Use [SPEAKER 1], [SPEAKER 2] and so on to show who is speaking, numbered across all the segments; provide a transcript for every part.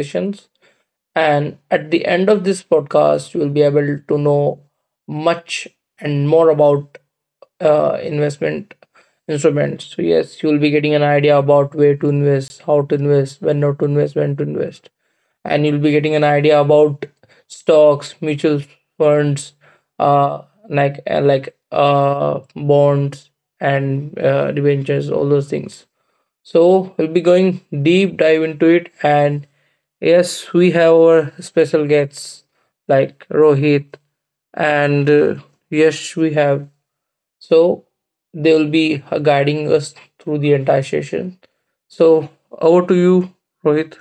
[SPEAKER 1] Sessions. And at the end of this podcast, you will be able to know much and more about investment instruments. So, yes, you will be getting an idea about where to invest, how to invest, when not to invest, when to invest. And you'll be getting an idea about stocks, mutual funds, uh, like bonds and debentures, all those things. So we'll be going deep dive into it. And yes, we have our special guests like Rohit and Yash we have. So they will be guiding us through the entire session. So over to you, Rohit.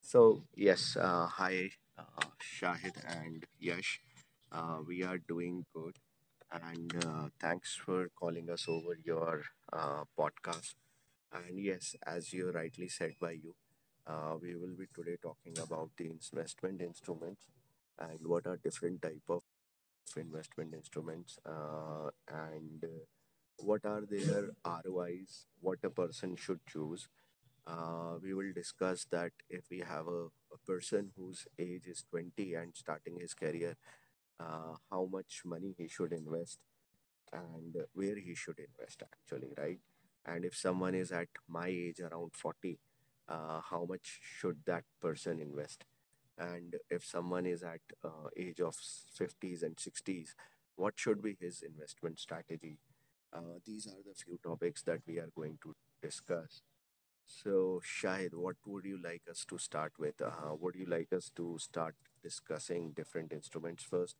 [SPEAKER 2] So, yes, hi, uh, Shahid and Yash. We are doing good. And thanks for calling us over your podcast. And yes, as you rightly said by you, we will be today talking about the investment instruments and what are different type of investment instruments and what are their ROIs, what a person should choose. We will discuss that if we have a person whose age is 20 and starting his career, how much money he should invest and where he should invest, actually, right? And if someone is at my age, around 40, how much should that person invest? And if someone is at age of 50s and 60s, what should be his investment strategy? These are the few topics that we are going to discuss. So, Shahid, what would you like us to start with? Would you like us to start discussing different instruments first?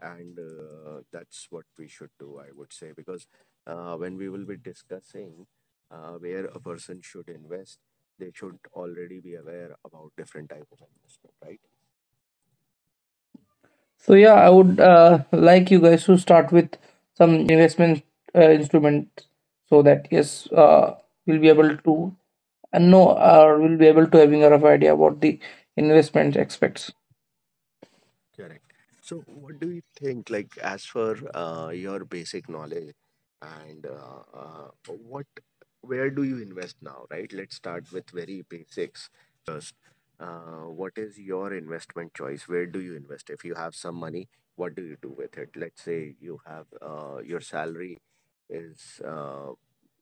[SPEAKER 2] And that's what we should do, I would say, because when we will be discussing where a person should invest, they should already be aware about different type of investment, right?
[SPEAKER 1] So yeah, I would like you guys to start with some investment instrument so that yes, we'll be able to and know or will be able to having a rough idea about the investment aspects.
[SPEAKER 2] Correct. So, what do you think, like, as for your basic knowledge, and what, where do you invest now, right? Let's start with very basics first. What is your investment choice? Where do you invest? If you have some money, what do you do with it? Let's say you have your salary is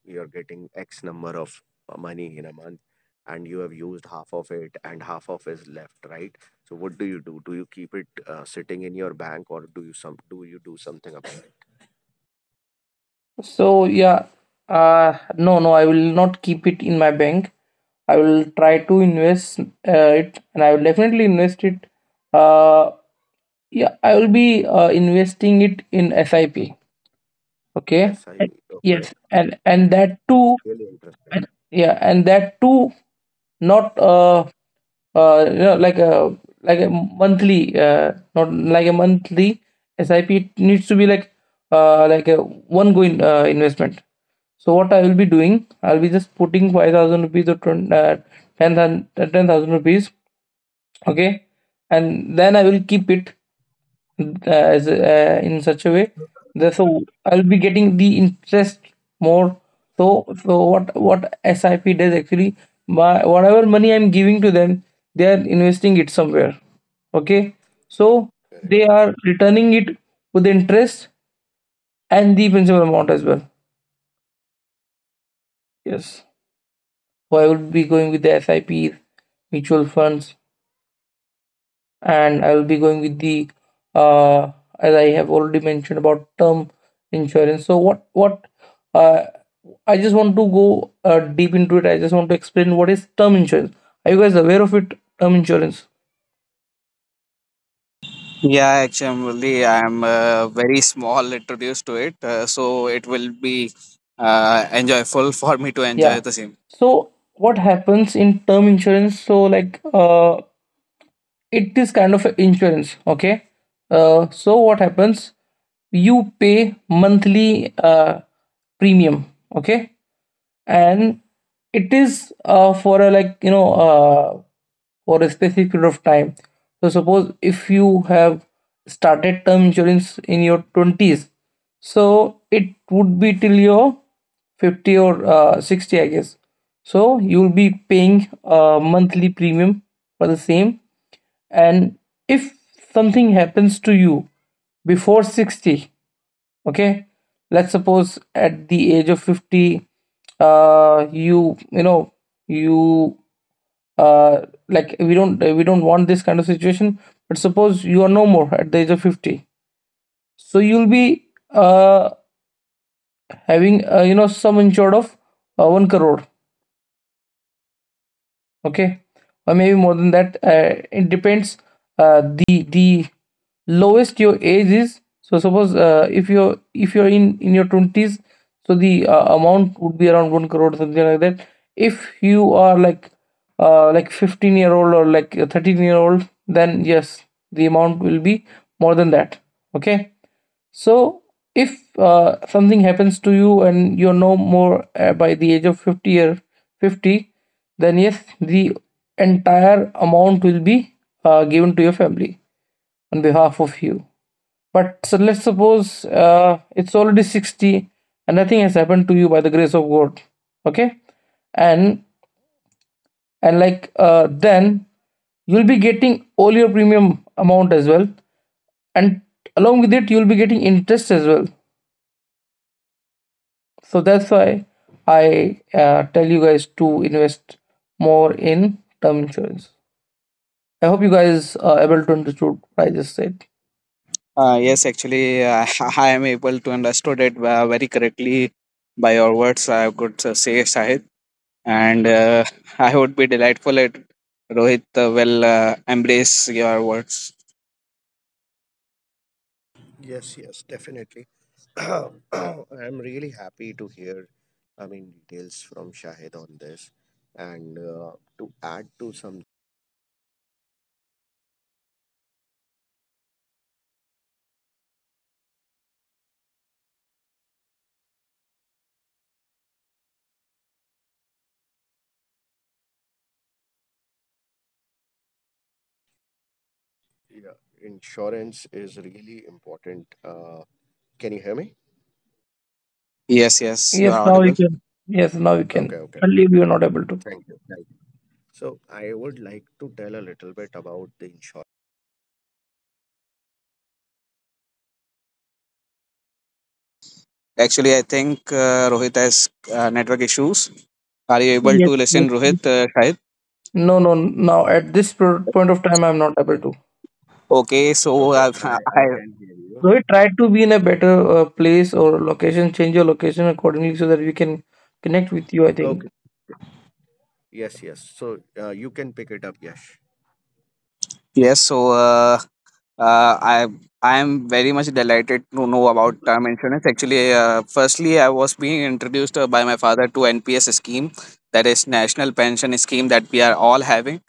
[SPEAKER 2] you're getting x number of money in a month and you have used half of it and half of is left, right? So what do you do? Do you keep it sitting in your bank, or do you some do you do something about
[SPEAKER 1] So yeah, no, no, I will not keep it in my bank. I will try to invest it, and I will definitely invest it. Uh, yeah, I will be investing it in SIP.
[SPEAKER 2] it?
[SPEAKER 1] Okay.
[SPEAKER 2] SIP. Okay,
[SPEAKER 1] Yes, and that
[SPEAKER 2] that's
[SPEAKER 1] too,
[SPEAKER 2] really interesting.
[SPEAKER 1] and, yeah, and that too, not uh, you know, like a like a monthly, not like a monthly SIP. It needs to be like like a one going investment. So what I will be doing, I'll be just putting 5,000 rupees or 10,000 rupees, okay, and then I will keep it as in such a way so I'll be getting the interest more, so so what SIP does, actually, my whatever money I'm giving to them, they are investing it somewhere. Okay, so they are returning it with the interest and the principal amount as well. Yes, so I would be going with the SIPs, mutual funds, and I'll be going with the, uh, as I have already mentioned, about term insurance. So what uh, I just want to go deep into it. I just want to explain what is term insurance. Are you guys aware of it? Term insurance.
[SPEAKER 3] Yeah, actually, I'm very small introduced to it, so it will be enjoyable for me to enjoy
[SPEAKER 1] Yeah.
[SPEAKER 3] the same.
[SPEAKER 1] So what happens in term insurance? So it is kind of a insurance. Okay. So what happens? You pay monthly premium. Okay, and it is for a, like, you know, for a specific period of time. So suppose if you have started term insurance in your 20s, so it would be till your 50 or 60, I guess. So you will be paying a monthly premium for the same, and if something happens to you before 60, okay, let's suppose at the age of 50, you know, you like we don't, we don't want this kind of situation, but suppose you are no more at the age of 50. So you'll be having you know, some insured of 1 crore, okay, or maybe more than that. It depends. The lowest your age is, so suppose if you're, if you're in your 20s, so the amount would be around 1 crore or something like that. If you are like 15-year-old or like a 13-year old, then yes, the amount will be more than that. Okay, so if something happens to you and you're no more by the age of 50 or 50, then yes, the entire amount will be given to your family on behalf of you. But so let's suppose it's already 60 and nothing has happened to you by the grace of God. Okay? And and then you'll be getting all your premium amount as well, and along with it you'll be getting interest as well. So that's why I tell you guys to invest more in term insurance. I hope you guys are able to understood what I just said.
[SPEAKER 3] Yes, actually, I am able to understood it very correctly by your words. I could say Sahid, and I would be delightful if Rohit will embrace your words.
[SPEAKER 2] Yes, yes, definitely. I'm really happy to hear, I mean, details from Shahid on this, and to add to some. Yeah, insurance is really important. Can you hear me?
[SPEAKER 3] Yes, yes, you are
[SPEAKER 1] Yes, now you
[SPEAKER 3] audible.
[SPEAKER 1] can. Yes, now you
[SPEAKER 2] Okay,
[SPEAKER 1] can.
[SPEAKER 2] okay.
[SPEAKER 1] Only if you are not able to.
[SPEAKER 2] Thank you. Thank you. So I would like to tell a little bit about the insurance.
[SPEAKER 3] Actually, I think Rohit has network issues. Are you able
[SPEAKER 1] Yes,
[SPEAKER 3] to
[SPEAKER 1] yes.
[SPEAKER 3] listen,
[SPEAKER 1] Yes.
[SPEAKER 3] Rohit? Sahid?
[SPEAKER 1] No, no, now at this point of time, I'm not able to.
[SPEAKER 3] Okay, so
[SPEAKER 2] Okay, I I
[SPEAKER 3] I
[SPEAKER 2] can hear you.
[SPEAKER 1] So we try to be in a better place or location, change your location accordingly so that we can connect with you, I think.
[SPEAKER 2] Okay. Yes, yes. So you can pick it up, Yash.
[SPEAKER 3] yes, so uh, I I am very much delighted to know about term insurance. Actually, firstly, I was being introduced by my father to NPS scheme, that is National Pension Scheme that we are all having.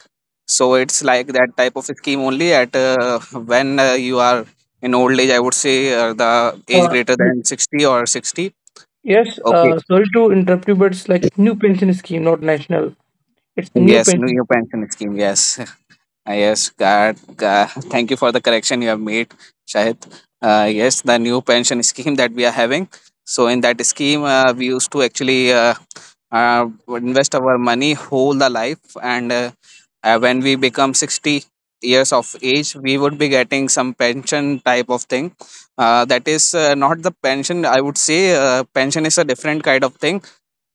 [SPEAKER 3] So it's like that type of scheme only at when you are in old age. I would say the age
[SPEAKER 1] Uh,
[SPEAKER 3] greater than 60 or 60.
[SPEAKER 1] yes,
[SPEAKER 3] Okay.
[SPEAKER 1] sorry to interrupt you, but it's like new pension scheme, not national. It's new
[SPEAKER 3] Yes,
[SPEAKER 1] pension.
[SPEAKER 3] new pension scheme. Yes, yes, God, uh, thank you for the correction you have made, Shahid. Yes, the new pension scheme that we are having. So in that scheme, we used to actually uh, invest our money whole the life, and when we become 60 years of age, we would be getting some pension type of thing. That is not the pension. I would say pension is a different kind of thing,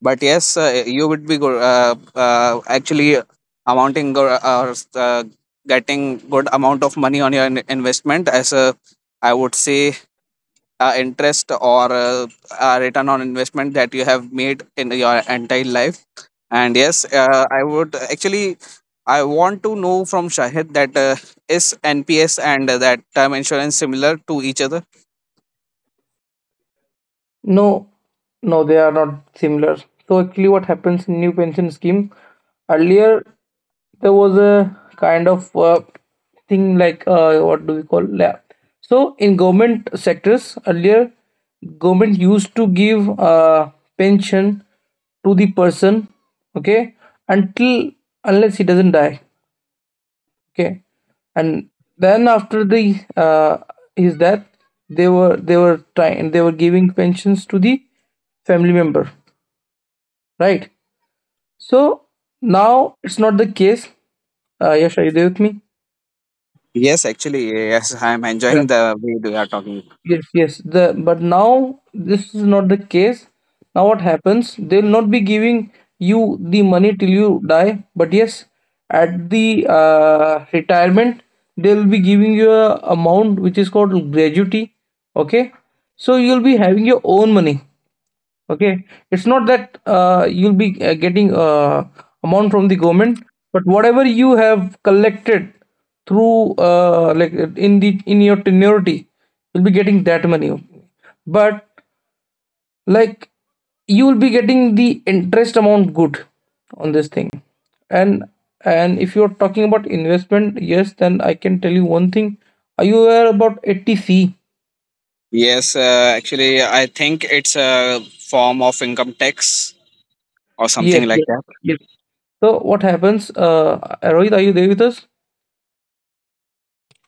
[SPEAKER 3] but yes, you would be actually amounting or getting good amount of money on your investment as a, I would say, interest or return on investment that you have made in your entire life. And yes, I would actually I want to know from Shahid that is NPS and that term insurance similar to each other?
[SPEAKER 1] No, no, they are not similar. So actually, what happens in new pension scheme? Earlier, there was a kind of thing like what do we call? Yeah. So in government sectors earlier, government used to give pension to the person, okay, until unless he doesn't die, okay, and then after the uh, his death, they were giving pensions to the family member, right? So now it's not the case. Yes, are you there with me?
[SPEAKER 3] Yes, actually, yes. I'm enjoying the way we are talking.
[SPEAKER 1] Yes, yes. The But now this is not the case. Now what happens? They'll not be giving you the money till you die. But yes, at the retirement, they'll be giving you a amount which is called gratuity. Okay, so you'll be having your own money. Okay, it's not that you'll be getting amount from the government, but whatever you have collected through in the, in your tenuity, you'll be getting that money, but like you will be getting the interest amount good on this thing. and and if you're talking about investment, yes, then I can tell you one thing. Are you aware about 80C?
[SPEAKER 3] Yes, actually, I think it's a form of income tax or something
[SPEAKER 1] Yes,
[SPEAKER 3] like
[SPEAKER 1] yes,
[SPEAKER 3] that.
[SPEAKER 1] yes. So what happens, Rohit, are you there with us?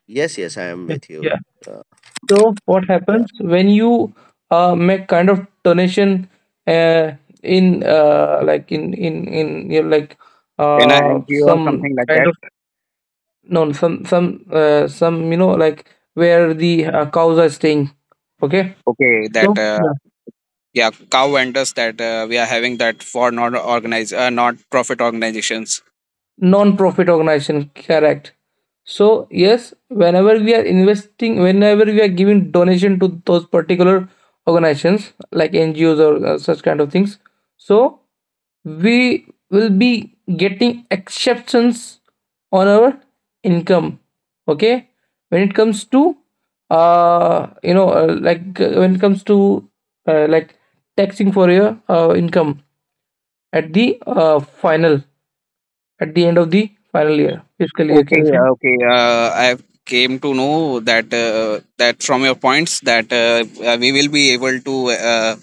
[SPEAKER 2] Yes, yes, I am with you.
[SPEAKER 1] Yeah.
[SPEAKER 2] Uh,
[SPEAKER 1] So what
[SPEAKER 2] yeah.
[SPEAKER 1] happens when you make kind of donation uh, in you know, like
[SPEAKER 3] In a
[SPEAKER 1] uh,
[SPEAKER 3] NGO or
[SPEAKER 1] some
[SPEAKER 3] something like
[SPEAKER 1] kind
[SPEAKER 3] that.
[SPEAKER 1] of no some some you know, like where the cows are staying. Okay,
[SPEAKER 3] Okay,
[SPEAKER 1] so
[SPEAKER 3] that
[SPEAKER 1] yeah,
[SPEAKER 3] yeah, cow vendors that we are having that for non organized, not profit organizations.
[SPEAKER 1] non-profit organization, correct. So yes, whenever we are investing, whenever we are giving donation to those particular organizations like NGOs or such kind of things, so we will be getting exceptions on our income, okay, when it comes to you know, when it comes to uh, like taxing for your income at the final, at the end of the final year, fiscal year, you
[SPEAKER 3] Okay,
[SPEAKER 1] can say.
[SPEAKER 3] okay. I came to know that from your points that we will be able to uh,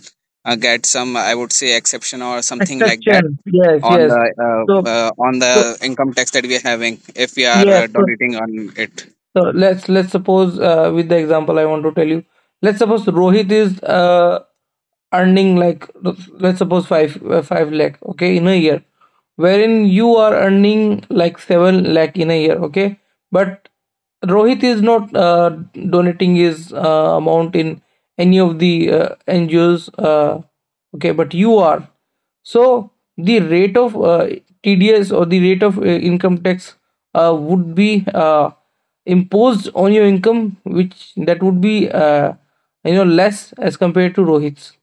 [SPEAKER 3] uh, get some, I would say, exception or something like that
[SPEAKER 1] Extraction. Yes. Yes, yes. So,
[SPEAKER 3] on
[SPEAKER 1] so
[SPEAKER 3] the income tax that we are having if we are
[SPEAKER 1] yes. So
[SPEAKER 3] donating on it.
[SPEAKER 1] So let's suppose with the example I want to tell you, let's suppose Rohit is earning like, let's suppose 5 lakh, okay, in a year, wherein you are earning like 7 lakh in a year, okay, but Rohit is not donating his amount in any of the NGOs, okay, but you are. So the rate of TDS or the rate of income tax would be imposed on your income, which that would be you know, less as compared to Rohit's.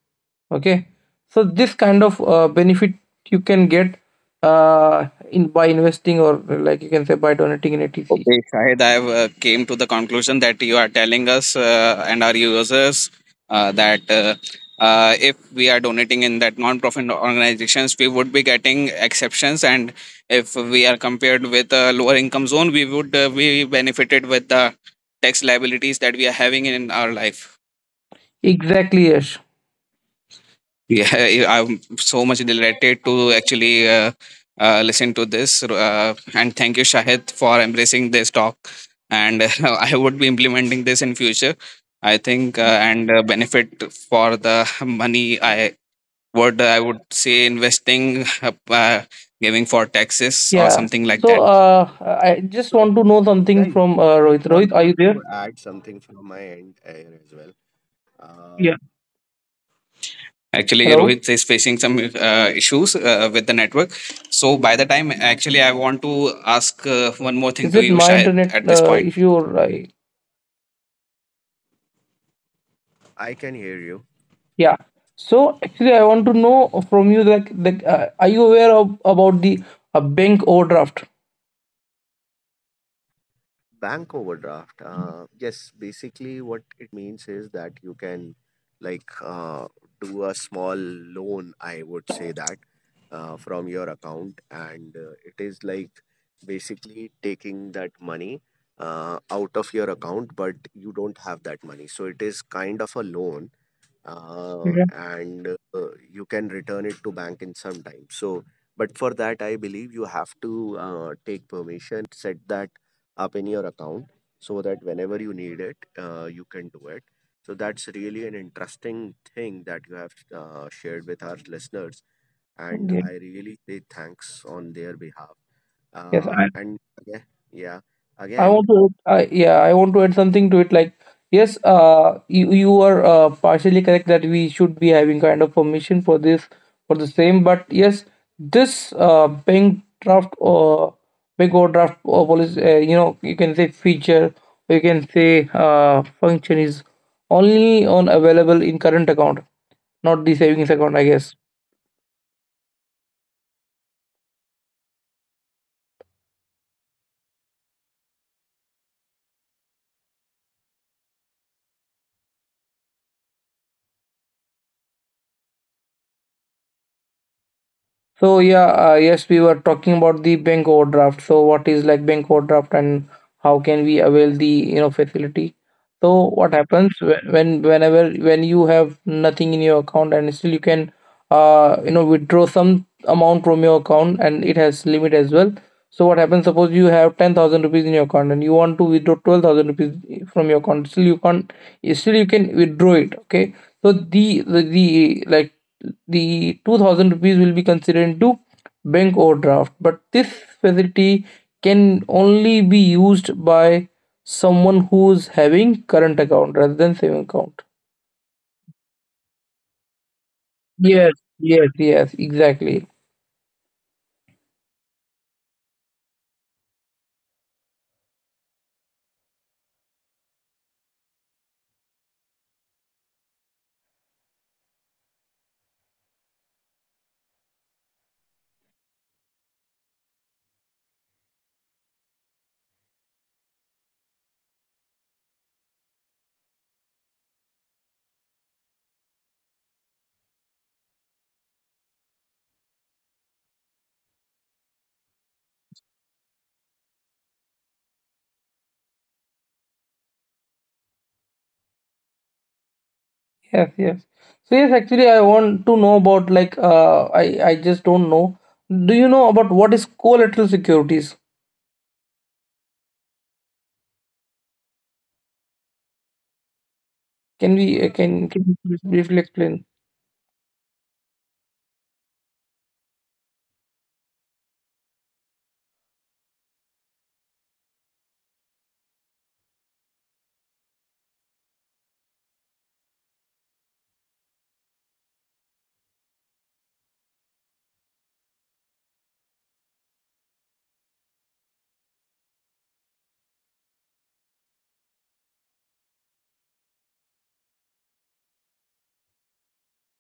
[SPEAKER 1] Okay, so this kind of benefit you can get in by investing, or like you can say by donating in ATC.
[SPEAKER 3] Okay, Shahid, I have came to the conclusion that you are telling us and our users that if we are donating in that non-profit organizations, we would be getting exceptions, and if we are compared with a lower income zone, we would be benefited with the tax liabilities that we are having in our life.
[SPEAKER 1] Exactly, Yash.
[SPEAKER 3] Yeah, I'm so much delighted to actually listen to this. And thank you, Shahid, for embracing this talk. And I would be implementing this in future, I think, and benefit for the money I would say, investing, giving for taxes or
[SPEAKER 1] Yeah.
[SPEAKER 3] something like
[SPEAKER 1] So
[SPEAKER 3] that.
[SPEAKER 1] I just
[SPEAKER 2] So,
[SPEAKER 1] want to know something
[SPEAKER 2] guys,
[SPEAKER 1] from
[SPEAKER 2] just
[SPEAKER 1] Rohit. Rohit,
[SPEAKER 2] want
[SPEAKER 1] are
[SPEAKER 2] to,
[SPEAKER 1] you
[SPEAKER 2] to
[SPEAKER 1] there?
[SPEAKER 2] add something from my end here as well. Uh,
[SPEAKER 1] Yeah.
[SPEAKER 3] Actually,
[SPEAKER 1] Hello.
[SPEAKER 3] Rohit is facing some issues with the network. So, by the time, actually, I want to ask one more thing
[SPEAKER 1] Is
[SPEAKER 3] to
[SPEAKER 1] it
[SPEAKER 3] you,
[SPEAKER 1] my
[SPEAKER 3] Shahid,
[SPEAKER 1] internet
[SPEAKER 3] at this point
[SPEAKER 1] issue or I?
[SPEAKER 2] I can hear you.
[SPEAKER 1] Yeah. So actually, I want to know from you like, are you aware of about the bank overdraft?
[SPEAKER 2] Bank overdraft. Yes, basically what it means is that you can, like, do a small loan, I would say that, from your account. And it is like basically taking that money out of your account, but you don't have that money. So it is kind of a loan, uh,
[SPEAKER 1] Yeah.
[SPEAKER 2] and uh, you can return it to bank in some time. So, but for that I believe you have to take permission, set that up in your account so that whenever you need it, you can do it. So that's really an interesting thing that you have shared with our listeners, and
[SPEAKER 1] Okay.
[SPEAKER 2] I really say thanks on their behalf.
[SPEAKER 1] Yes. I,
[SPEAKER 2] And again, yeah,
[SPEAKER 1] I
[SPEAKER 2] again,
[SPEAKER 1] want to, I yeah, I want to add something to it. Like, yes, you are partially correct that we should be having kind of permission for this for the same. But yes, this bank draft or bank overdraft or policy, you know, you can say feature, or you can say function is only on available in current account, not the savings account, I guess. So yeah, yes, we were talking about the bank overdraft. So what is like bank overdraft and how can we avail the, you know, facility? So what happens whenever when you have nothing in your account and still you can, you know, withdraw some amount from your account, and it has limit as well. So what happens? Suppose you have 10,000 rupees in your account and you want to withdraw 12,000 rupees from your account. Still you can't. Still you can withdraw it. Okay. So the 2,000 rupees will be considered into bank overdraft, but this facility can only be used by someone who is having current account rather than saving account. Yes, yes, yes, exactly, yes, yes. So yes, actually I want to know about like, I just don't know, do you know about what is collateral securities? Can we can you please briefly explain?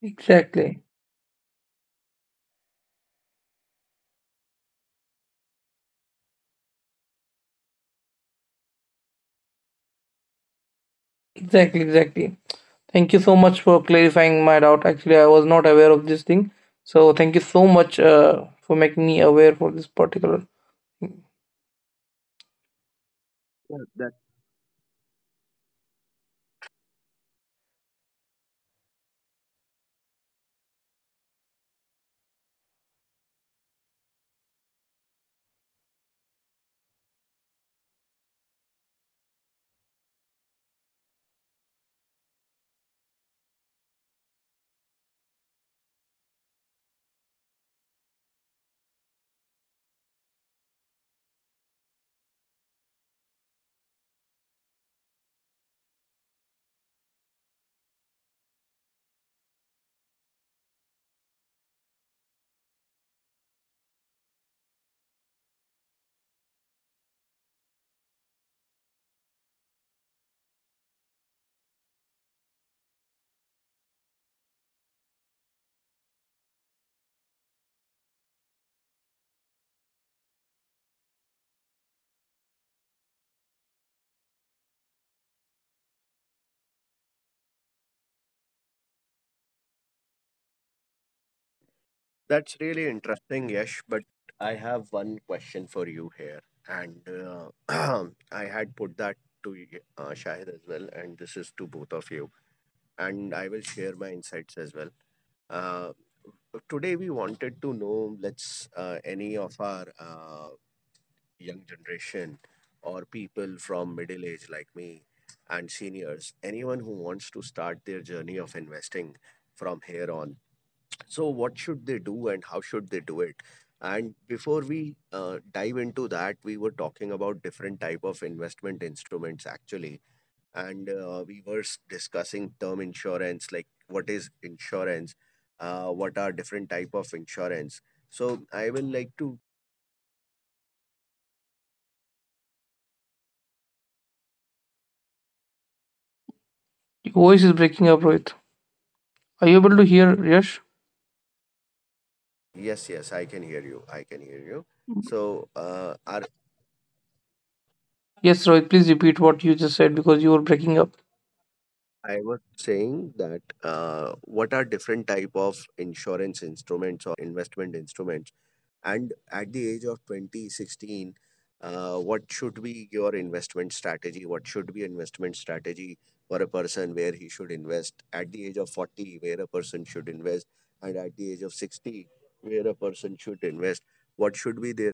[SPEAKER 1] Exactly, exactly, exactly. Thank you so much for clarifying my doubt. Actually, I was not aware of this thing. So thank you so much for making me aware for this particular thing.
[SPEAKER 2] yeah, that's really interesting, Yash. But I have one question for you here, and I had put that to Shahid as well, and this is to both of you, and I will share my insights as well. Uh, Today, we wanted to know, let's any of our young generation or people from middle age like me and seniors, anyone who wants to start their journey of investing from here on, so what should they do and how should they do it? And before we dive into that, we were talking about different type of investment instruments actually, and we were discussing term insurance, like what is insurance, what are different type of insurance. So, I will like to.
[SPEAKER 1] Your voice is breaking up, Rohit. Are you able to hear Yash?
[SPEAKER 2] Yes, yes, I can hear you. I can hear you. So,
[SPEAKER 1] Yes, Rohit, please repeat what you just said because you were breaking up.
[SPEAKER 2] I was saying that what are different type of insurance instruments investment instruments? And at the age of twenty sixteen, 16, what should be your investment strategy? What should be investment strategy for a person, where he should invest? At the age of 40, where a person should invest? And at the age of 60, where a person should invest? What should be their.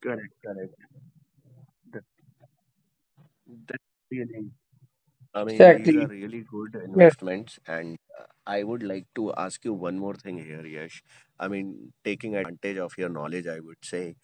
[SPEAKER 2] Correct, correct. That, that's really, I mean, these are
[SPEAKER 1] Exactly.
[SPEAKER 2] really good
[SPEAKER 1] Yes.
[SPEAKER 2] investments. And I would like to ask you one more thing here, Yash. I mean, taking advantage of your knowledge, I would say,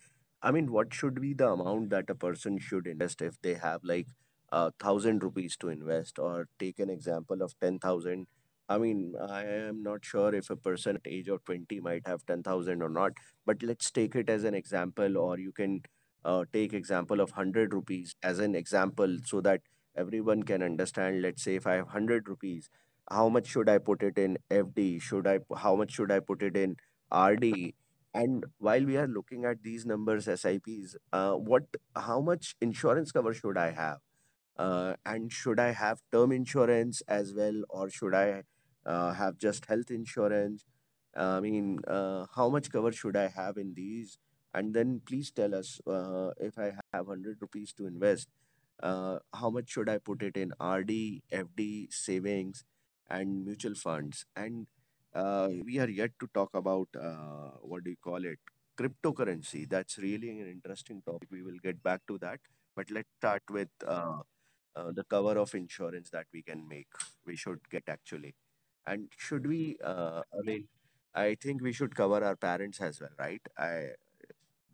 [SPEAKER 2] I mean, what should be the amount that a person should invest if they have, like, 1,000 rupees to invest, or take an example of 10,000? I mean, I am not sure if a person age of 20 might have 10,000 or not, but let's take it as an example, or you can take example of 100 rupees as an example, so that everyone can understand. Let's say if I have 100 rupees, how much should I put it in FD? Should I? How much should I put it in RD? And while we are looking at these numbers, SIPs, how much insurance cover should I have? And should I have term insurance as well, or should I have just health insurance? I mean, how much cover should I have in these? And then please tell us, if I have 100 rupees to invest, how much should I put it in RD, FD, savings, and mutual funds? And we are yet to talk about, what do you call it, cryptocurrency. That's really an interesting topic. We will get back to that. But let's start with the cover of insurance that we can make we should get, actually. And should we I mean, I think we should cover our parents as well, right? I,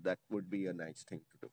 [SPEAKER 2] that would be a nice thing to do.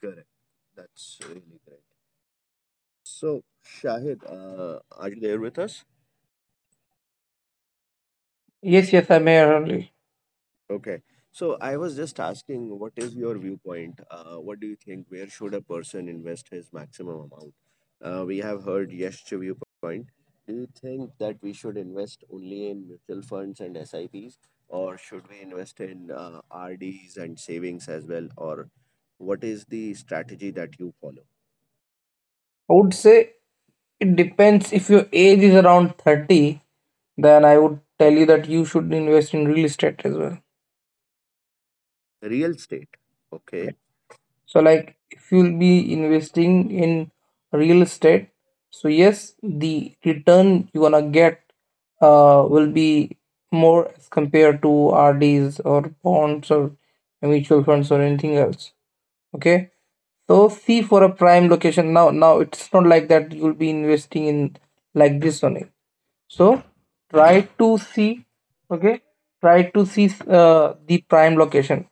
[SPEAKER 2] Correct. That's really great. So, Shahid, are you there with us?
[SPEAKER 1] Yes, yes, I'm here only.
[SPEAKER 2] Okay. So I was just asking, what is your viewpoint? What do you think? Where should a person invest his maximum amount? We have heard Yash's viewpoint. Do you think that we should invest only in mutual funds and S I Ps, or should we invest in RDs and savings as well? Or what is the strategy that you follow?
[SPEAKER 1] I would say it depends if your age is around 30, then I would tell you that you should invest in real estate as well.
[SPEAKER 2] Real estate. Okay.
[SPEAKER 1] So, like if you'll be investing in real estate, so yes, the return you're gonna get will be more as compared to RDs or bonds or mutual funds or anything else. Okay. So see for a prime location now. Now it's not like that you'll be investing in like this only. So try to see, okay, try to see the prime location.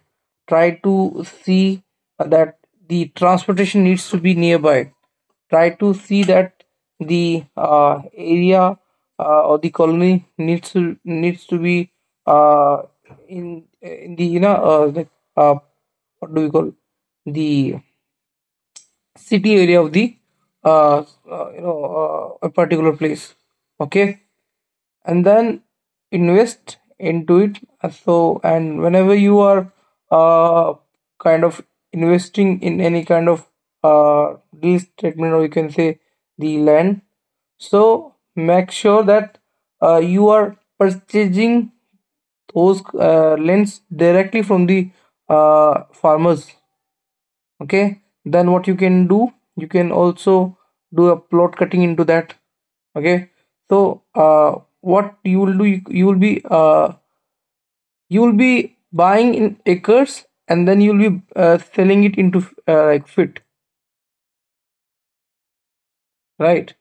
[SPEAKER 1] Try to see that the transportation needs to be nearby. Try to see that the area or the colony needs to be uh, in the uh, what do we call the city area of the uh, a particular place. Okay, and then invest into it. So, and whenever you are uh, kind of investing in any kind of uh, real statement, or you can say the land, so make sure that you are purchasing those lands directly from the farmers. Okay, then what you can do, you can also do a plot cutting into that. Okay, so what you will do, you will be you will be buying in acres, and then you'll be selling it into like fit, right,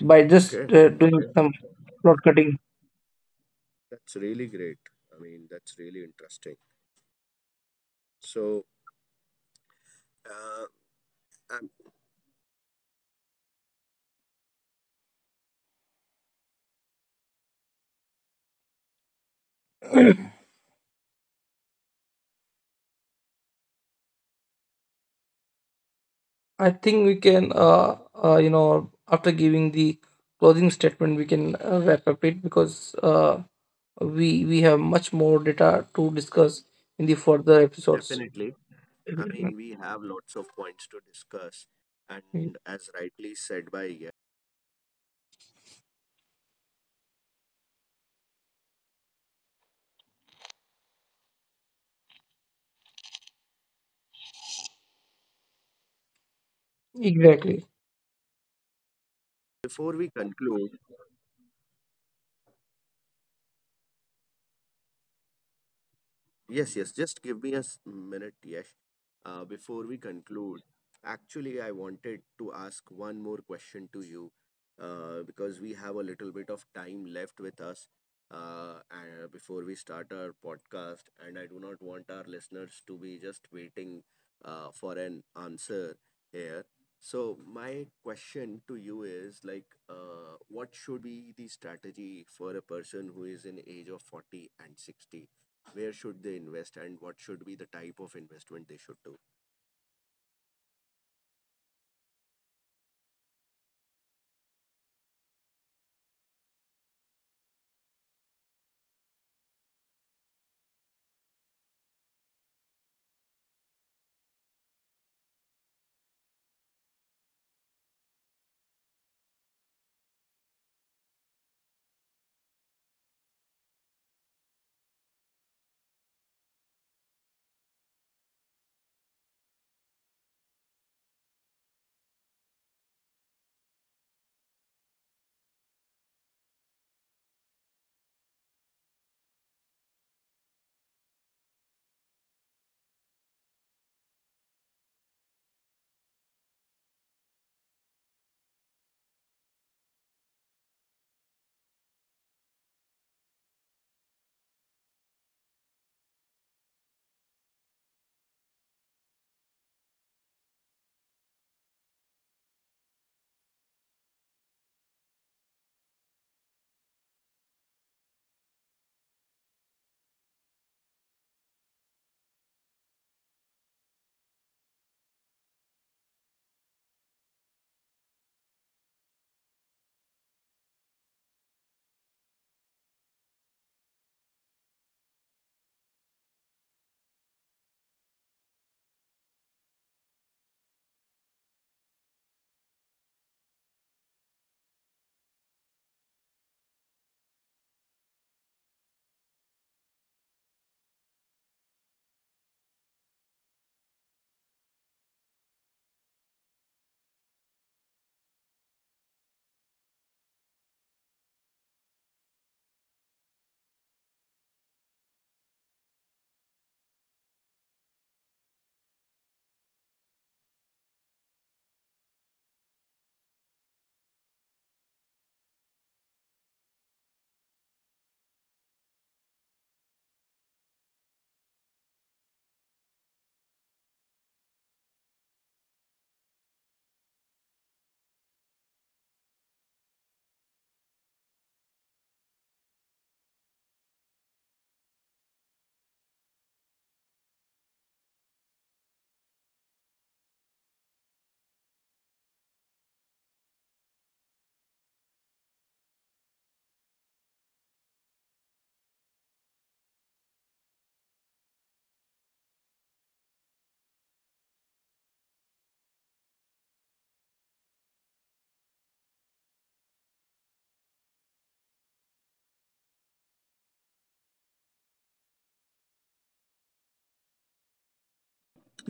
[SPEAKER 1] by just
[SPEAKER 2] Okay,
[SPEAKER 1] doing
[SPEAKER 2] okay.
[SPEAKER 1] some plot cutting.
[SPEAKER 2] That's really great. I mean, that's really interesting. So, uh, I
[SPEAKER 1] I think we can after giving the closing statement we can wrap up it, because we have much more data to discuss in the further episodes.
[SPEAKER 2] definitely. I
[SPEAKER 1] Mm-hmm.
[SPEAKER 2] mean, we have lots of points to discuss, and as rightly said by.
[SPEAKER 1] Exactly.
[SPEAKER 2] Before we conclude, yes, yes. Just give me a minute, Yash. Before we conclude, actually, I wanted to ask one more question to you, because we have a little bit of time left with us, and before we start our podcast. And I do not want our listeners to be just waiting for an answer here. So, my question to you is, like, what should be the strategy for a person who is in age of 40 and 60? Where should they invest, and what should be the type of investment they should do?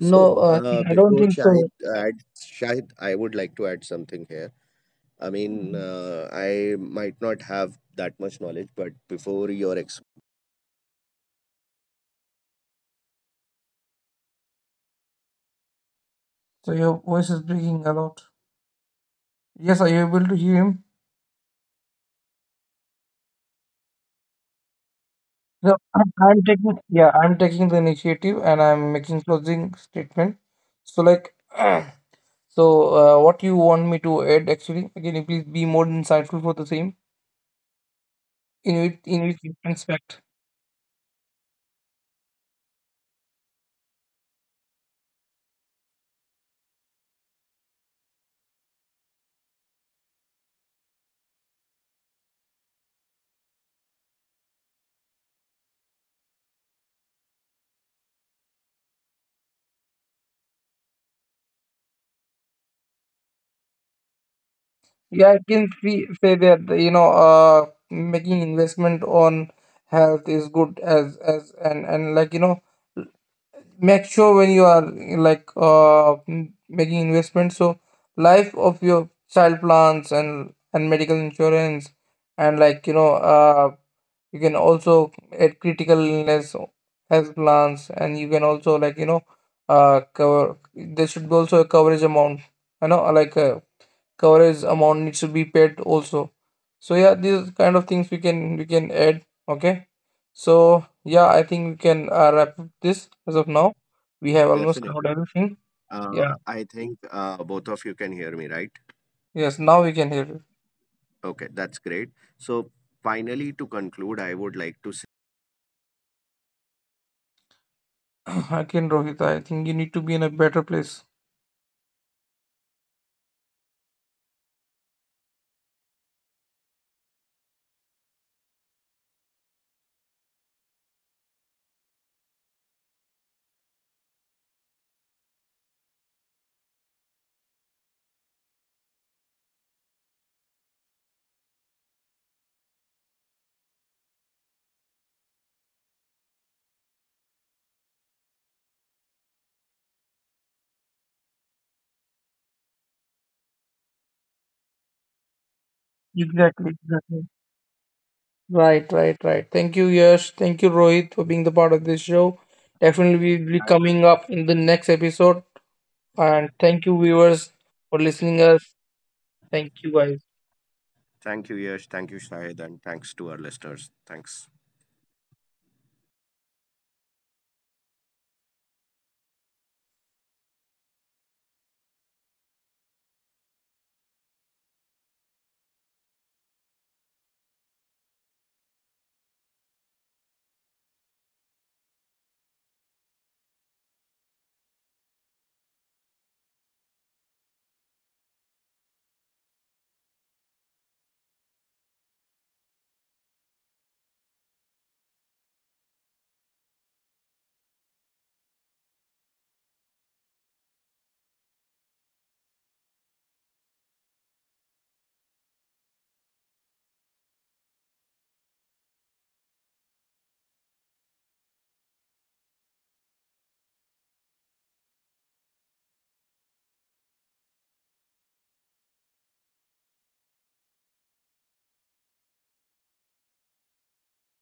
[SPEAKER 2] So,
[SPEAKER 1] I don't
[SPEAKER 2] before
[SPEAKER 1] think
[SPEAKER 2] Shahid
[SPEAKER 1] so.
[SPEAKER 2] adds, Shahid, I would like to add something here. I mean, I might not have that much knowledge, but before your ex.
[SPEAKER 1] So your voice is breaking a lot. Yes, are you able to hear him? No, I'm taking, yeah, I'm taking the initiative and I'm making closing statement. So like, so what you want me to add actually? Can you please be more insightful for the same? In which aspect? Yeah, I can see, say that you know, making investment on health is good as and like you know. Make sure when you are like making investments, so life of your child plans and medical insurance and like you know, you can also add critical illness health plans, and you can also like you know cover, there should be also a coverage amount, you know, like coverage amount needs to be paid also. So yeah, these kind of things we can add. Okay, so yeah, I think we can wrap up this as of now. We have almost covered
[SPEAKER 2] Definitely.
[SPEAKER 1] everything. Yeah,
[SPEAKER 2] I think both of you can hear me, right?
[SPEAKER 1] yes, now we can hear you.
[SPEAKER 2] Okay, that's great. So, finally, to conclude, I would like to say
[SPEAKER 1] I can, Rohit, I think you need to be in a better place. Exactly. Exactly. Right, right, right. Thank you, Yash. Thank you, Rohit, for being the part of this show. Definitely we will be
[SPEAKER 2] thank,
[SPEAKER 1] coming up in the next episode. And thank you, viewers, for listening us. Thank you, guys.
[SPEAKER 2] thank you, Yash. Thank you, Shahid. And thanks to our listeners. Thanks.